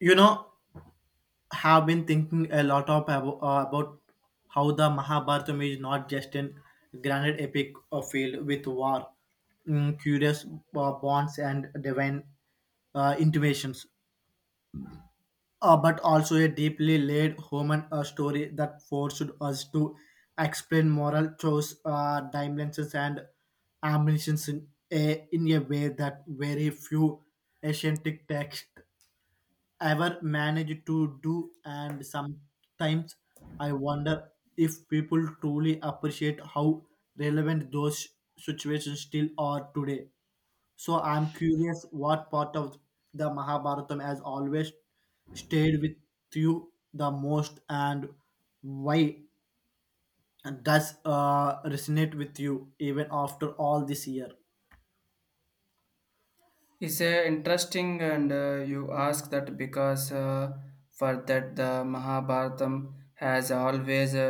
you know have been thinking a lot about how the mahabharata is not just an granite epic filled with war, curious bonds and divine intimations, but also a deeply laid human story that forced us to explain moral choice dimensions and ambitions in a way that very few ancient texts ever managed to do. And sometimes I wonder if people truly appreciate how relevant those situations still are today. So I'm curious, what part of the mahabharatam has always stayed with you the most, and why does resonate with you even after all this year? It's interesting, and you ask that because for that the Mahabharatam has always uh,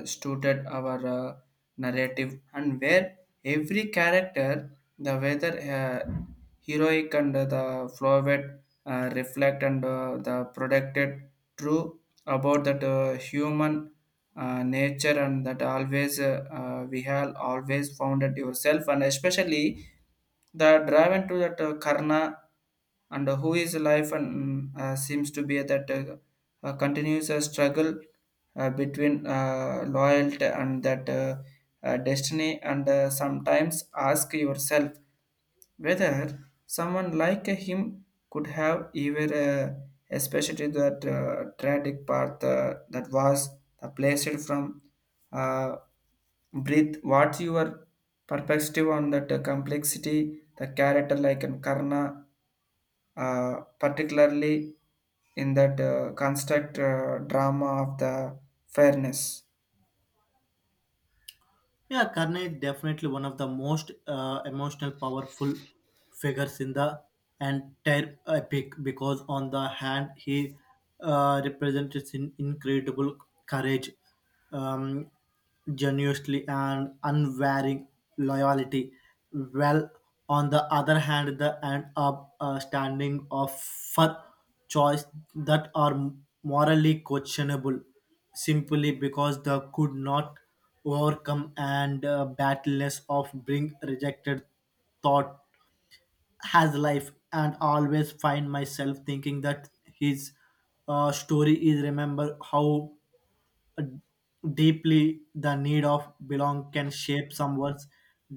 uh, suited our narrative, and where every character, the whether heroic and the flawed, reflect and the protected true about that human nature and that always we have always found it yourself and especially the driven to that karna and who is life and seems to be that continues a struggle between loyalty and that destiny and sometimes ask yourself whether someone like him could have even, especially that tragic path that was the placed from uh, breathe. What's your perspective on that complexity, the character like in Karna, uh, particularly in that construct drama of the fairness? Yeah, Karna is definitely one of the most emotional, powerful figures in the entire epic because, on the hand, he represents in incredible courage, um, generously, and unwavering loyalty. Well, on the other hand, the end up standing of for choice that are morally questionable simply because they could not overcome and battles of bring rejected thought has life. And always find myself thinking that his story is remember how deeply the need of belong can shape someone's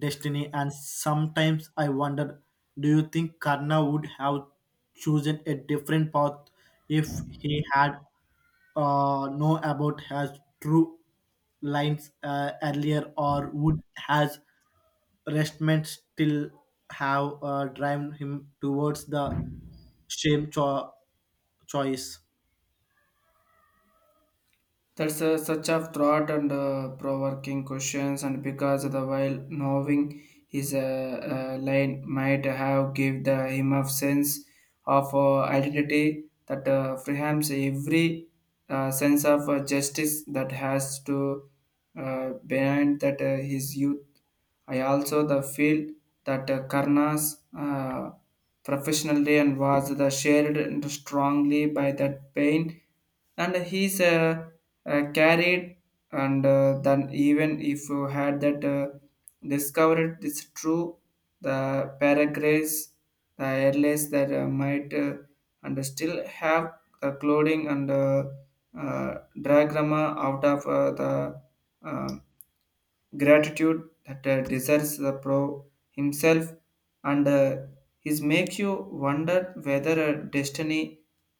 destiny. And sometimes I wonder, do you think karna would have chosen a different path if he had know about his true lines earlier, or would has restment still have driven him towards the same choice? That's a, such a broad and provoking questions, and because the while knowing his line might have give the him of sense of identity that frames every sense of justice that has to behind that his youth. I also the feel that Karna's professionally and was the shared and strongly by that pain and he's carried and then even if you had that discovered it's true the paragraphs the airless that might and still have the clothing and uh, diagrama out of the uh, gratitude that desires the pro himself and his makes you wonder whether a destiny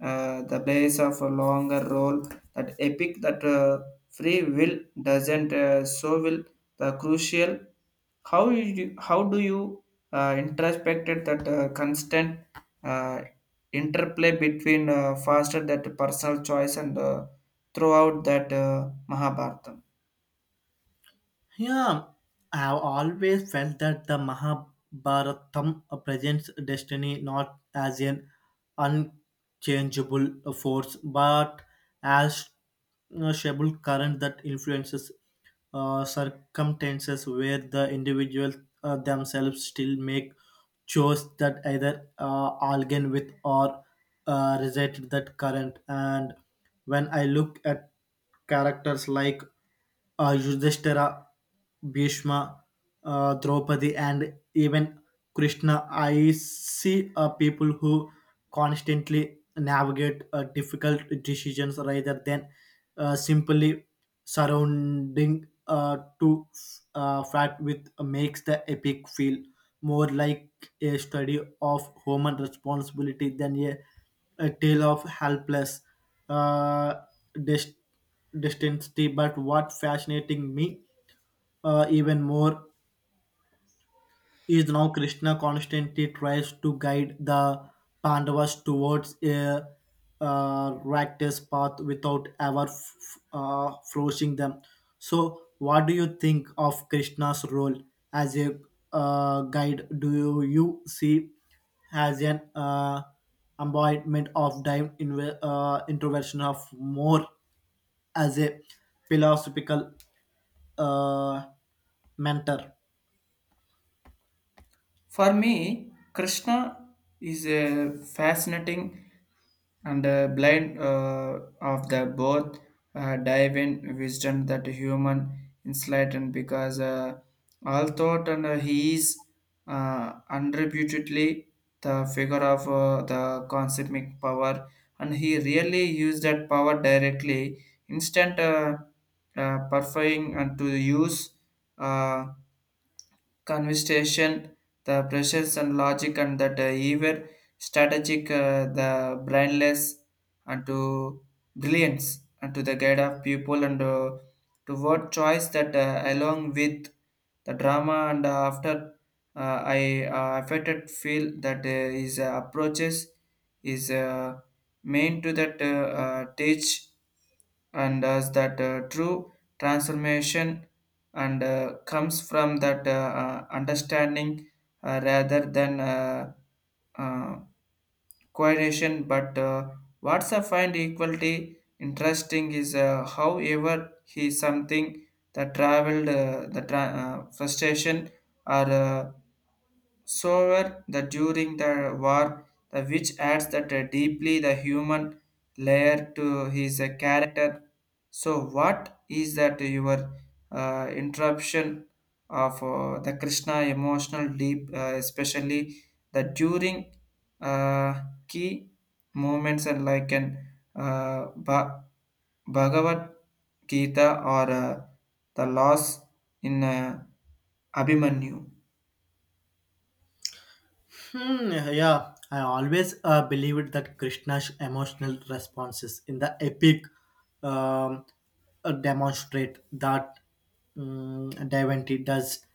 the place of a longer role that epic that free will doesn't so will the crucial how do you introspected that constant uh, interplay between faster that personal choice and throughout that mahabharata. Yeah, I have always felt that the Mahabharatam presents destiny not as an unchangeable force, but as a stable current that influences circumstances where the individuals themselves still make choices that either align with or reject that current. And when I look at characters like Yudhishthira, Bhishma, Draupadi, and even Krishna, I see people who constantly navigate difficult decisions rather than simply surrounding to fact with makes the epic feel more like a study of human responsibility than a tale of helpless uh, dis- destiny. But what fascinating me even more is now Krishna constantly tries to guide the Pandavas towards a righteous path without ever forcing them. So, what do you think of Krishna's role as a guide? Do you see as an embodiment of dive introversion of more as a philosophical uh, mentor? For me, Krishna is a fascinating and a blind of the both dive in wisdom that human enlightened because all thought and he is unrebutedly the figure of the cosmic power and he really used that power directly instant purifying and to use uh, conversation, the pressures and logic, and that even strategic, the brainless, and to brilliance, and to the guide of people, and toward choice that along with the drama and after I affected feel that his approaches is main to that teach and as that true transformation and comes from that understanding rather than uh, coercion but what's I find equally interesting is however he something that traveled frustration or so were the during the war, the which adds that deeply the human layer to his character. So, what is that your interruption of the Krishna emotional deep, especially the during uh, key moments and like an uh, ba- Bhagavad Gita or the loss in Abhimanyu? Hmm, yeah, I always believed that Krishna's emotional responses in the epic um, demonstrate that divinity does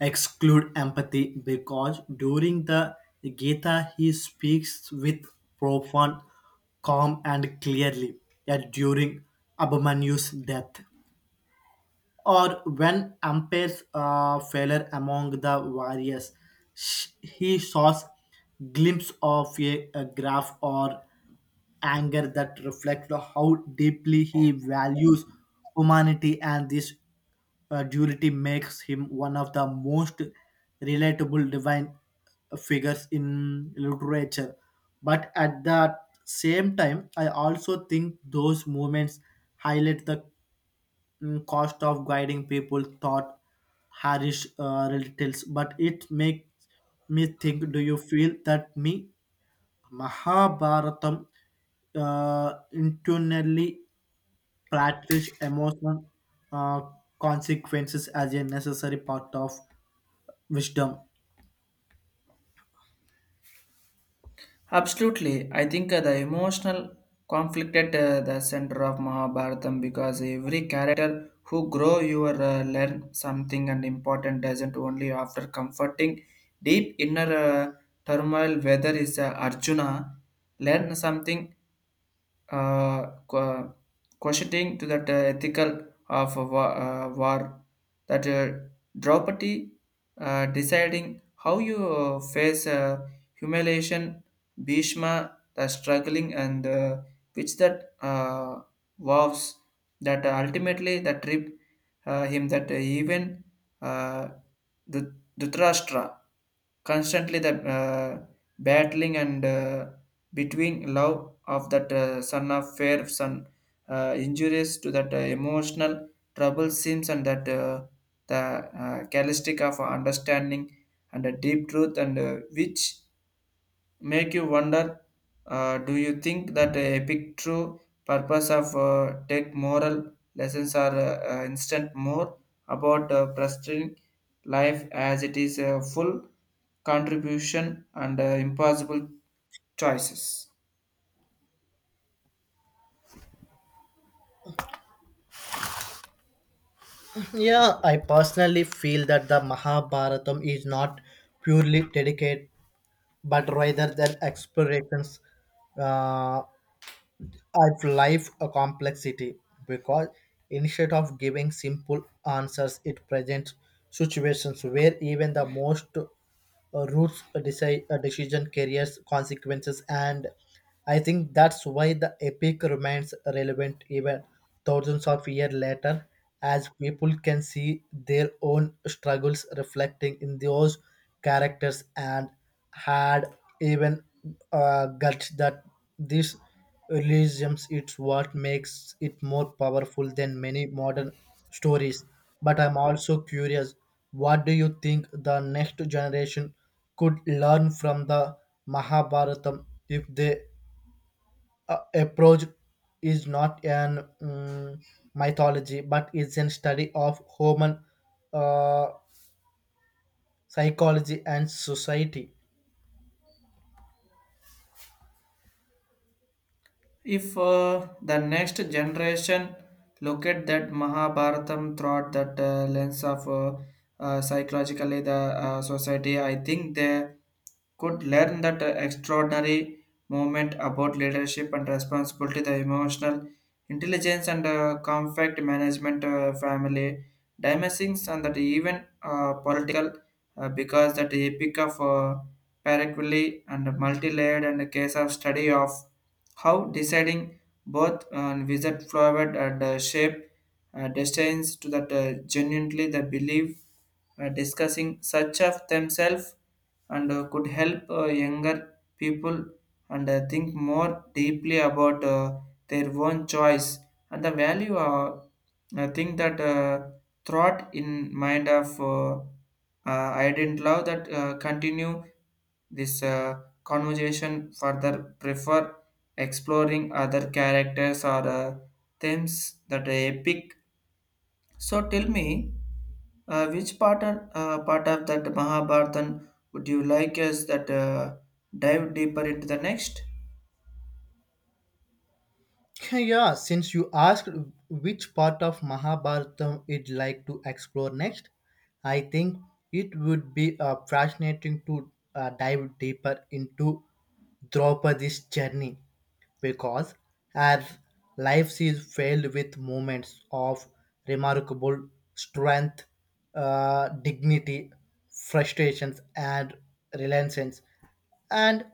exclude empathy because during the Gita he speaks with profound calm and clearly, yet during Abhimanyu's death or when umpires failure among the warriors, he saws glimpse of a graph or anger that reflects how deeply he values humanity. And this duality makes him one of the most relatable divine figures in literature, but at the same time I also think those movements highlight the cost of guiding people thought Harish relatives. But it makes me think, do you feel that me Mahabharatam intentionally practiced emotional uh, consequences as a necessary part of wisdom? Absolutely. I think the emotional conflict at the center of Mahabharatam because every character who grow your learn something and important doesn't only after comforting deep inner turmoil whether is Arjuna learn something uh, qu- questioning to that ethical of a war that Draupadi deciding how you face humiliation Bhishma the struggling and which that vows that ultimately the trip him that even uh, Dhut- Dhritarashtra constantly the battling and between love of that son of fair son injuries to that emotional trouble seems and that the calistic of understanding and a deep truth and which make you wonder do you think that epic true purpose of take moral lessons are instant more about pursuing life as it is a full contribution and impossible choices. Yeah, I personally feel that the Mahabharatam is not purely dedicated, but rather than explorations uh, I've life a complexity, because instead of giving simple answers, it presents situations where even the most roots a decision carries consequences, and I think that's why the epic remains relevant even thousands of years later, as people can see their own struggles reflecting in those characters and had even guts that this religions, it's what makes it more powerful than many modern stories. But I'm also curious, what do you think the next generation could learn from the mahabharatam if they approach is not an mythology but is a study of human uh, psychology and society? If the next generation look at that Mahabharatam throughout that lens of psychologically the society, I think they could learn that extraordinary moment about leadership and responsibility, the emotional intelligence and conflict management, family dimensions, and that even political because that epic of Paraquilly and multi-layered and a case of study of how deciding both visit forward and shape destines to that genuinely the belief discussing such of themselves and could help younger people and think more deeply about their own choice and the value are a thing that thought in mind of I didn't love that continue this conversation further prefer exploring other characters or themes that are epic. So tell me which part of that mahabharatan would you like us that dive deeper into the next. Yeah, since you asked which part of Mahabharata you'd like to explore next, I think it would be fascinating to dive deeper into Draupadi's journey, because her life is filled with moments of remarkable strength, dignity, frustrations, and relentlessness, and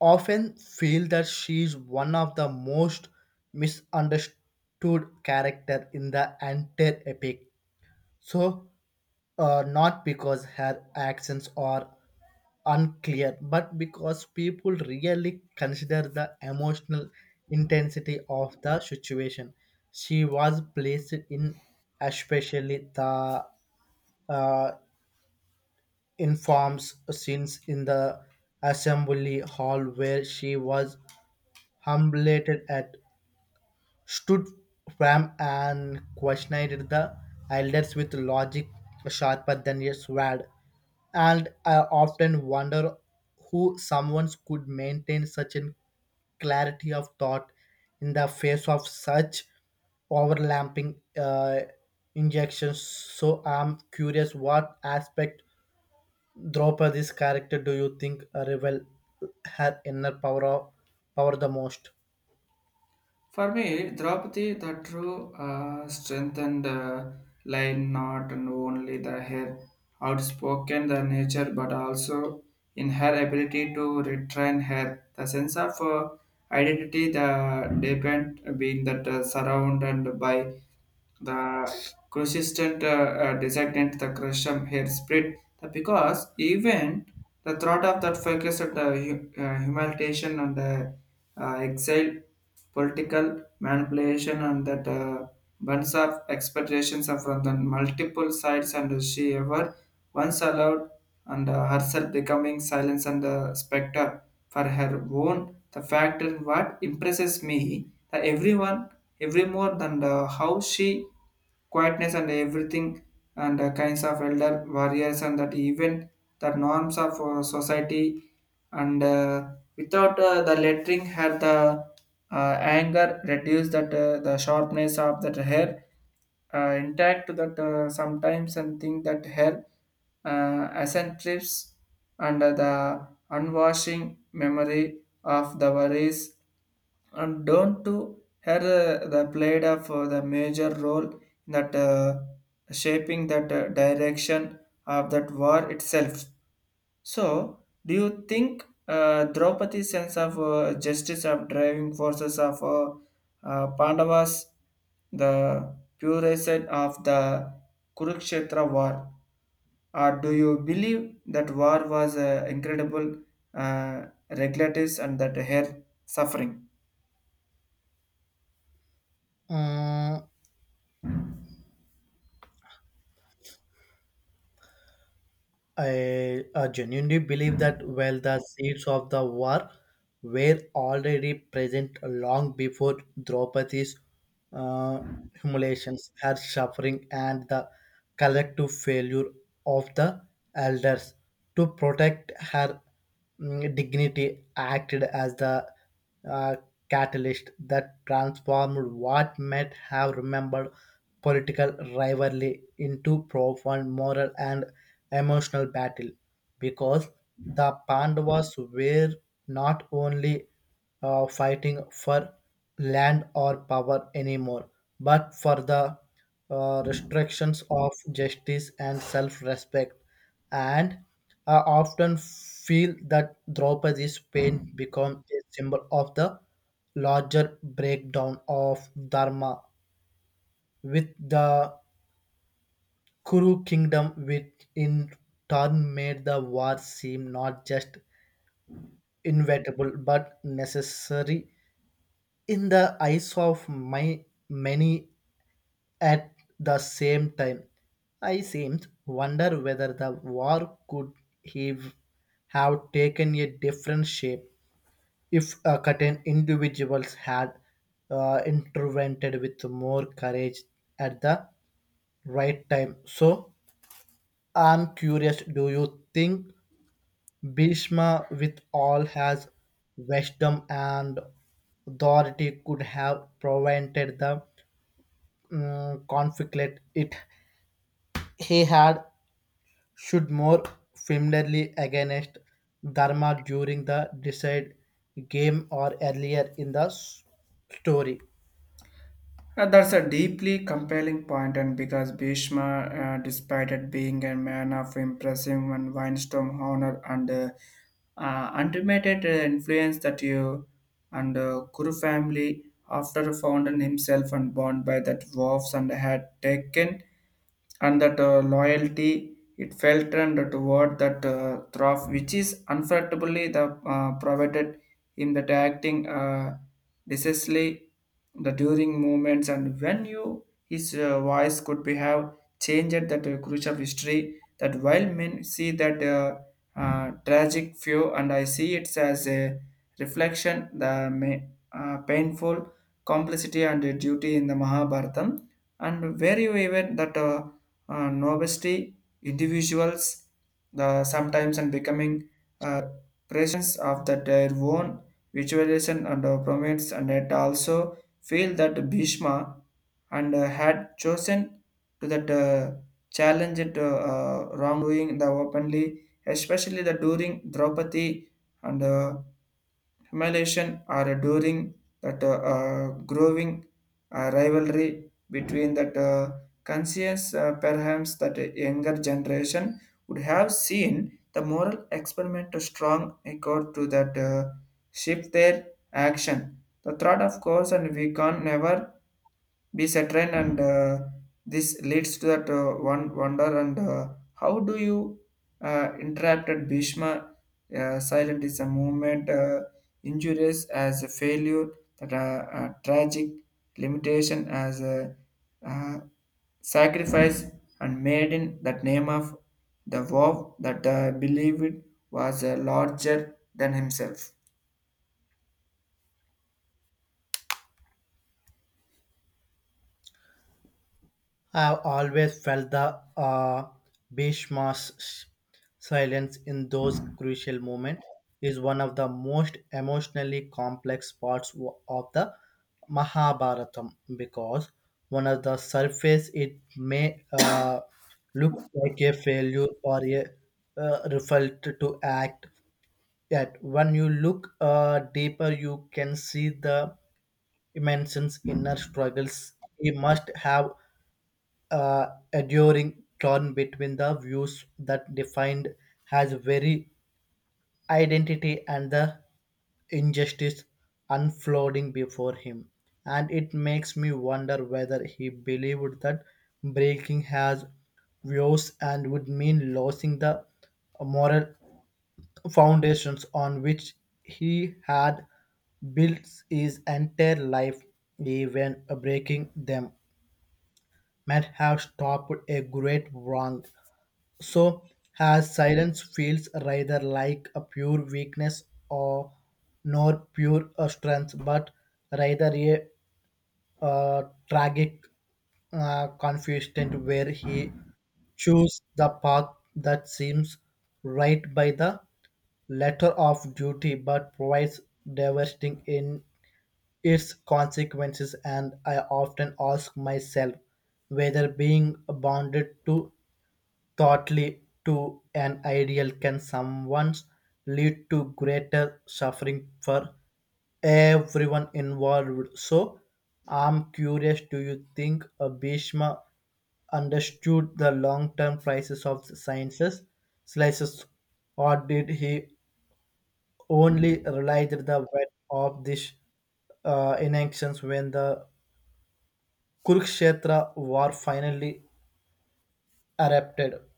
often feel that she is one of the most misunderstood character in the entire epic. So, not because her actions are unclear, but because people really consider the emotional intensity of the situation she was placed in, especially the uh, informs scenes in the assembly hall where she was humiliated at stood firm and questioned the elders with logic sharper than a sword. And I often wonder who someone could maintain such a clarity of thought in the face of such overlapping injections. So I'm curious, what aspect Draupadi's character do you think reveal her inner power the most? For me, Draupadi, the true strengthened line, not only the her outspoken the nature, but also in her ability to retrain her the sense of identity, the dependent being that surrounded by the consistent designate the crushum hair split the, because even the thought of that focus at the humiliation and the exile political manipulation and that bunch of expectations are from the multiple sides and she ever once allowed and herself becoming silence and the specter for her own the fact and what impresses me that everyone every more than the, how she quietness and everything and kinds of elder warriors and that even the norms of society and without the lettering had the anger reduced that the sharpness of that hair intact that sometimes and think that hair eccentrics under the unwashing memory of the worries and don't to her the played of the major role in that shaping that direction of that war itself. So, do you think Draupadi's sense of justice of driving forces of Pandavas, the purest of the Kurukshetra war, or do you believe that war was incredible regulatives and that her suffering? Mm, I genuinely believe that while the seeds of the war were already present long before Draupadi's uh, humiliations, her suffering and the collective failure of the elders to protect her dignity acted as the uh, catalyst that transformed what might have remembered political rivalry into profound moral and emotional battle, because the Pandavas were not only fighting for land or power anymore, but for the restrictions of justice and self respect. And I often feel that Draupadi's pain becomes a symbol of the larger breakdown of Dharma, with the Kuru kingdom, which in turn made the war seem not just inevitable but necessary in the eyes of my many. At the same time, I seemed wonder whether the war could have have taken a different shape if certain individuals had intervened with more courage at the right time. So I'm curious, do you think Bhishma, with all his wisdom and authority, could have prevented the conflict it he had should more familiarly against Dharma during the decide game or earlier in the story? That's a deeply compelling point, and because Bhishma, despite it being a man of impressive and Weinstone honor and ultimate influence that you and Kuru family, after found himself and bound by that wolves and had taken and that loyalty it felt and toward that trough which is unfortunately the provided in that acting decisively the during moments and when you his voice could be have changed that crucial history that while men see that tragic view and I see it as a reflection the ma- painful complicity and duty in the mahabharatam and where you even that novelty individuals the sometimes and becoming uh, presence of that their own visualization and prominence and it also feel that Bhishma and had chosen to that challenge it wrongdoing the openly especially the during Draupadi and Humiliation or during that growing rivalry between that conscience, perhaps that younger generation would have seen the moral experiment to strong accord to that shift their action. The thought, of course, and we can never be certain and this leads to that one wonder and how do you interact at Bhishma silent is a movement injurious as a failure that tragic limitation as a uh, sacrifice and made in that name of the vow that believed was larger than himself. I've always felt the Bhishma's silence in those crucial moments is one of the most emotionally complex parts of the Mahabharatam, because one of the surface it may look like a failure or a revolt to act, yet when you look deeper you can see the immense inner struggles he must have uh, enduring, torn between the views that defined has very identity and the injustice unfolding before him. And it makes me wonder whether he believed that breaking his views and would mean losing the moral foundations on which he had built his entire life, even breaking them might have stopped a great wrong. So, as silence feels rather like a pure weakness or nor pure strength, but rather a tragic confused where he choose the path that seems right by the letter of duty but provides devastating in its consequences. And I often ask myself whether being bounded to thoughtly to an ideal can sometimes lead to greater suffering for everyone involved. So, I'm curious, do you think Bhishma understood the long term prices of the sciences slices, or did he only realize the weight of these inactions when the Kurukshetra war finally erupted?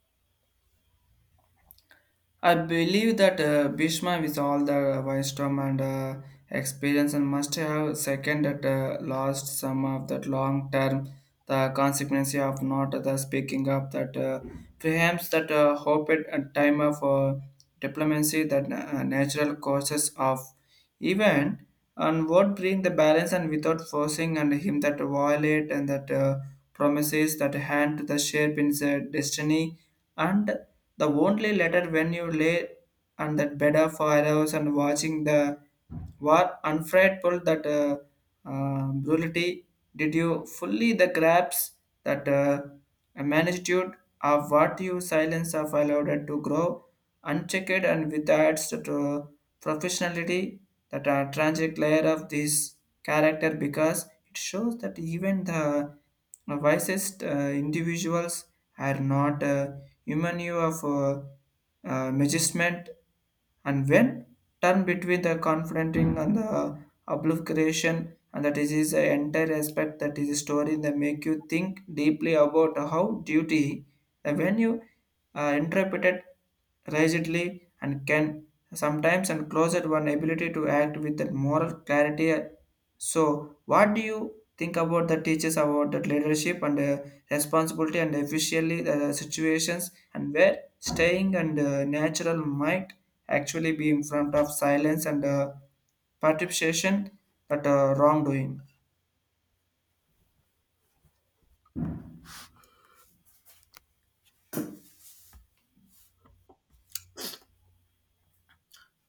I believe that Bhishma, with all the wisdom and experience, and must have second that lost some of that long term, the consequence of not the speaking up that perhaps that hope it at a time of diplomacy that natural causes of event and what bring the balance and without forcing and him that violate and that promises that hand to the shape in the destiny and the only letter when you lay on that bed of 4 hours and watching the war unfriendful that brutality did you fully the grasp that magnitude of what you silence have allowed to grow unchecked and without that professionality that are tragic layer of this character because it shows that even the wisest individuals are not human view of measurement and when turn between the confronting and the obfuscation, and that is the entire aspect that is a story that make you think deeply about how duty when you interpret it rigidly and can sometimes and closer one ability to act with that moral clarity. So, what do you think about the teachers about that leadership and responsibility and efficiently the situations and where staying and natural might actually be in front of silence and participation that wrongdoing?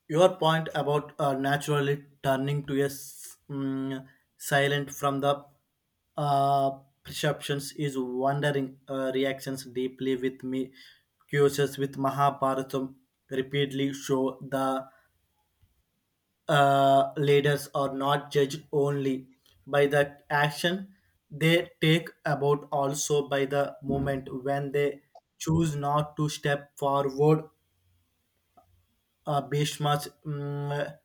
Your point about naturally turning to a silent from the uh, perceptions is wondering reactions deeply with me. Curious with Mahabharatam repeatedly show the leaders are not judged only by the action they take about also by the moment when they choose not to step forward. Bishma's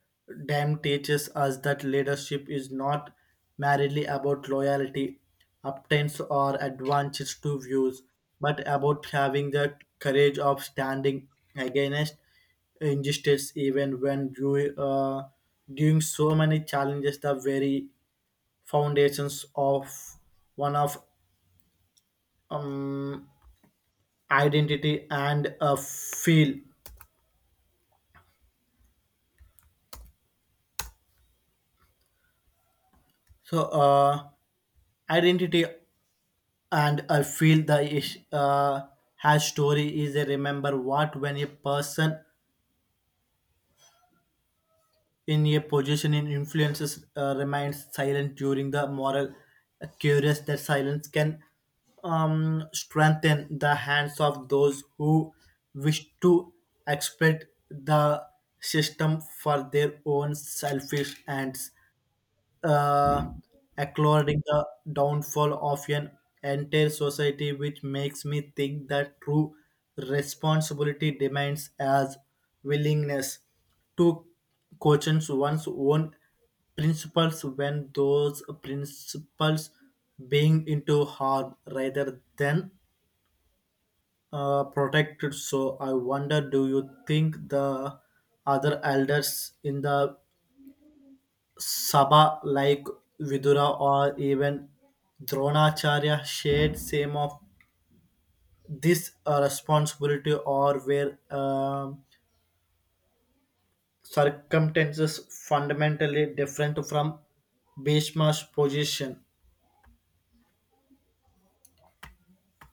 Dam teaches us that leadership is not merely about loyalty, obtains, or advances to views, but about having the courage of standing against injustice even when you doing so many challenges the very foundations of one of um, identity and a feel so identity. And I feel the hash story is a remember what when a person in a position in influences remains silent during the moral curious that silence can strengthen the hands of those who wish to exploit the system for their own selfish ends, uh, acknowledging the downfall of an entire society, which makes me think that true responsibility demands as willingness to question one's own principles when those principles being into harm rather than protected. So I wonder, do you think the other elders in the Sabha like Vidura or even Dronacharya shared same of this responsibility, or where circumstances fundamentally different from Bhishma's position?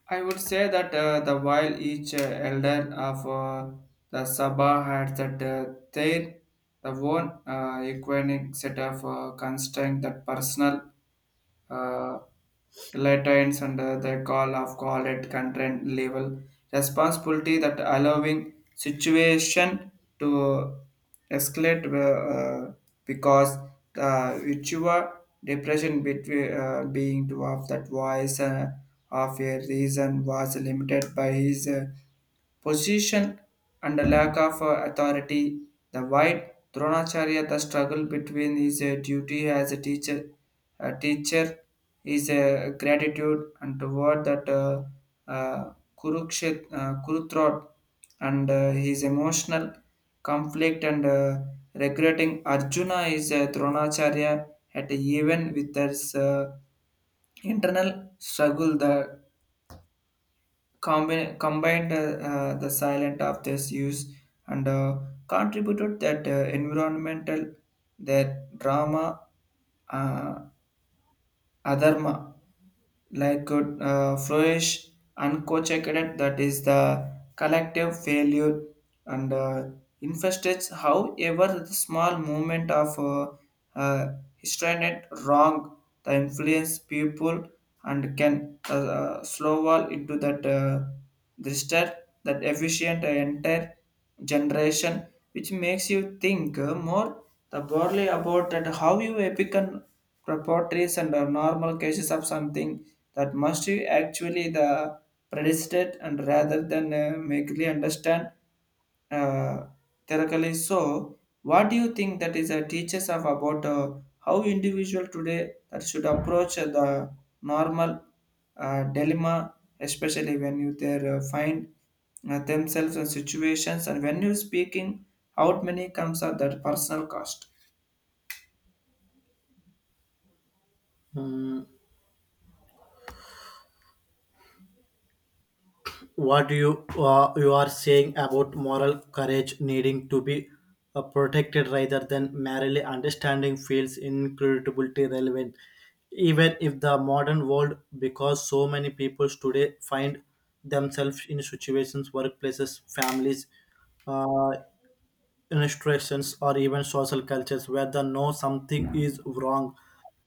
I would say that the while each elder of the Sabha had that their the one equining set of constraint that personal uh, letter under the call of call at country level responsibility that allowing situation to escalate because the virtual depression between being to of that voice of a reason was limited by his position and a lack of authority, the white Dronacharya, the struggle between his duty as a teacher, his gratitude and toward that uh, Kurukshet, Kurutrod, and his emotional conflict and regretting Arjuna is Dronacharya at even with his internal struggle the combined the silent of this use and contributed that environmental that drama uh, adharma like could flourish uncochecked that is the collective failure and infestates however the small movement of histrionic wrong the influence people and can slow all into that register that efficient entire generation which makes you think more the broadly about that how you epic portrays under normal cases of something that must be actually the predicate and rather than make really understand uh, theoretically. So, what do you think that is a teaches of about how individual today that should approach the normal dilemma, especially when you there find themselves in situations and when you're speaking, how many comes at that personal cost? Hmm, what you are saying about moral courage needing to be protected rather than merely understanding feels incredibly relevant even if the modern world, because so many people today find themselves in situations workplaces families uh, institutions or even social cultures where the know something is wrong,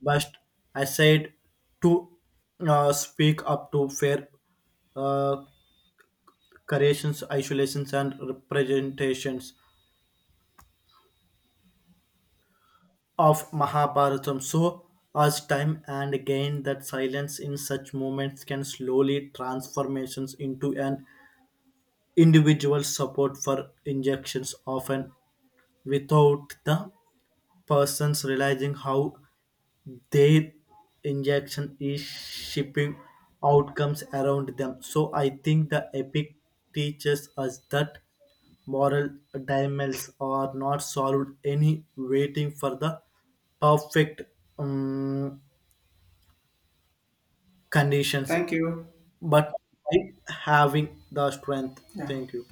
but I said to speak up to fair uh, creations, isolations, and representations of Mahabharata. So, as time and again, that silence in such moments can slowly transformations into an individual support for injections, often without the persons realizing how their injection is shaping outcomes around them. So, I think the epic teaches us that moral dilemmas are not solved any waiting for the perfect um, conditions, Thank you. but by having the strength. Yeah. Thank you.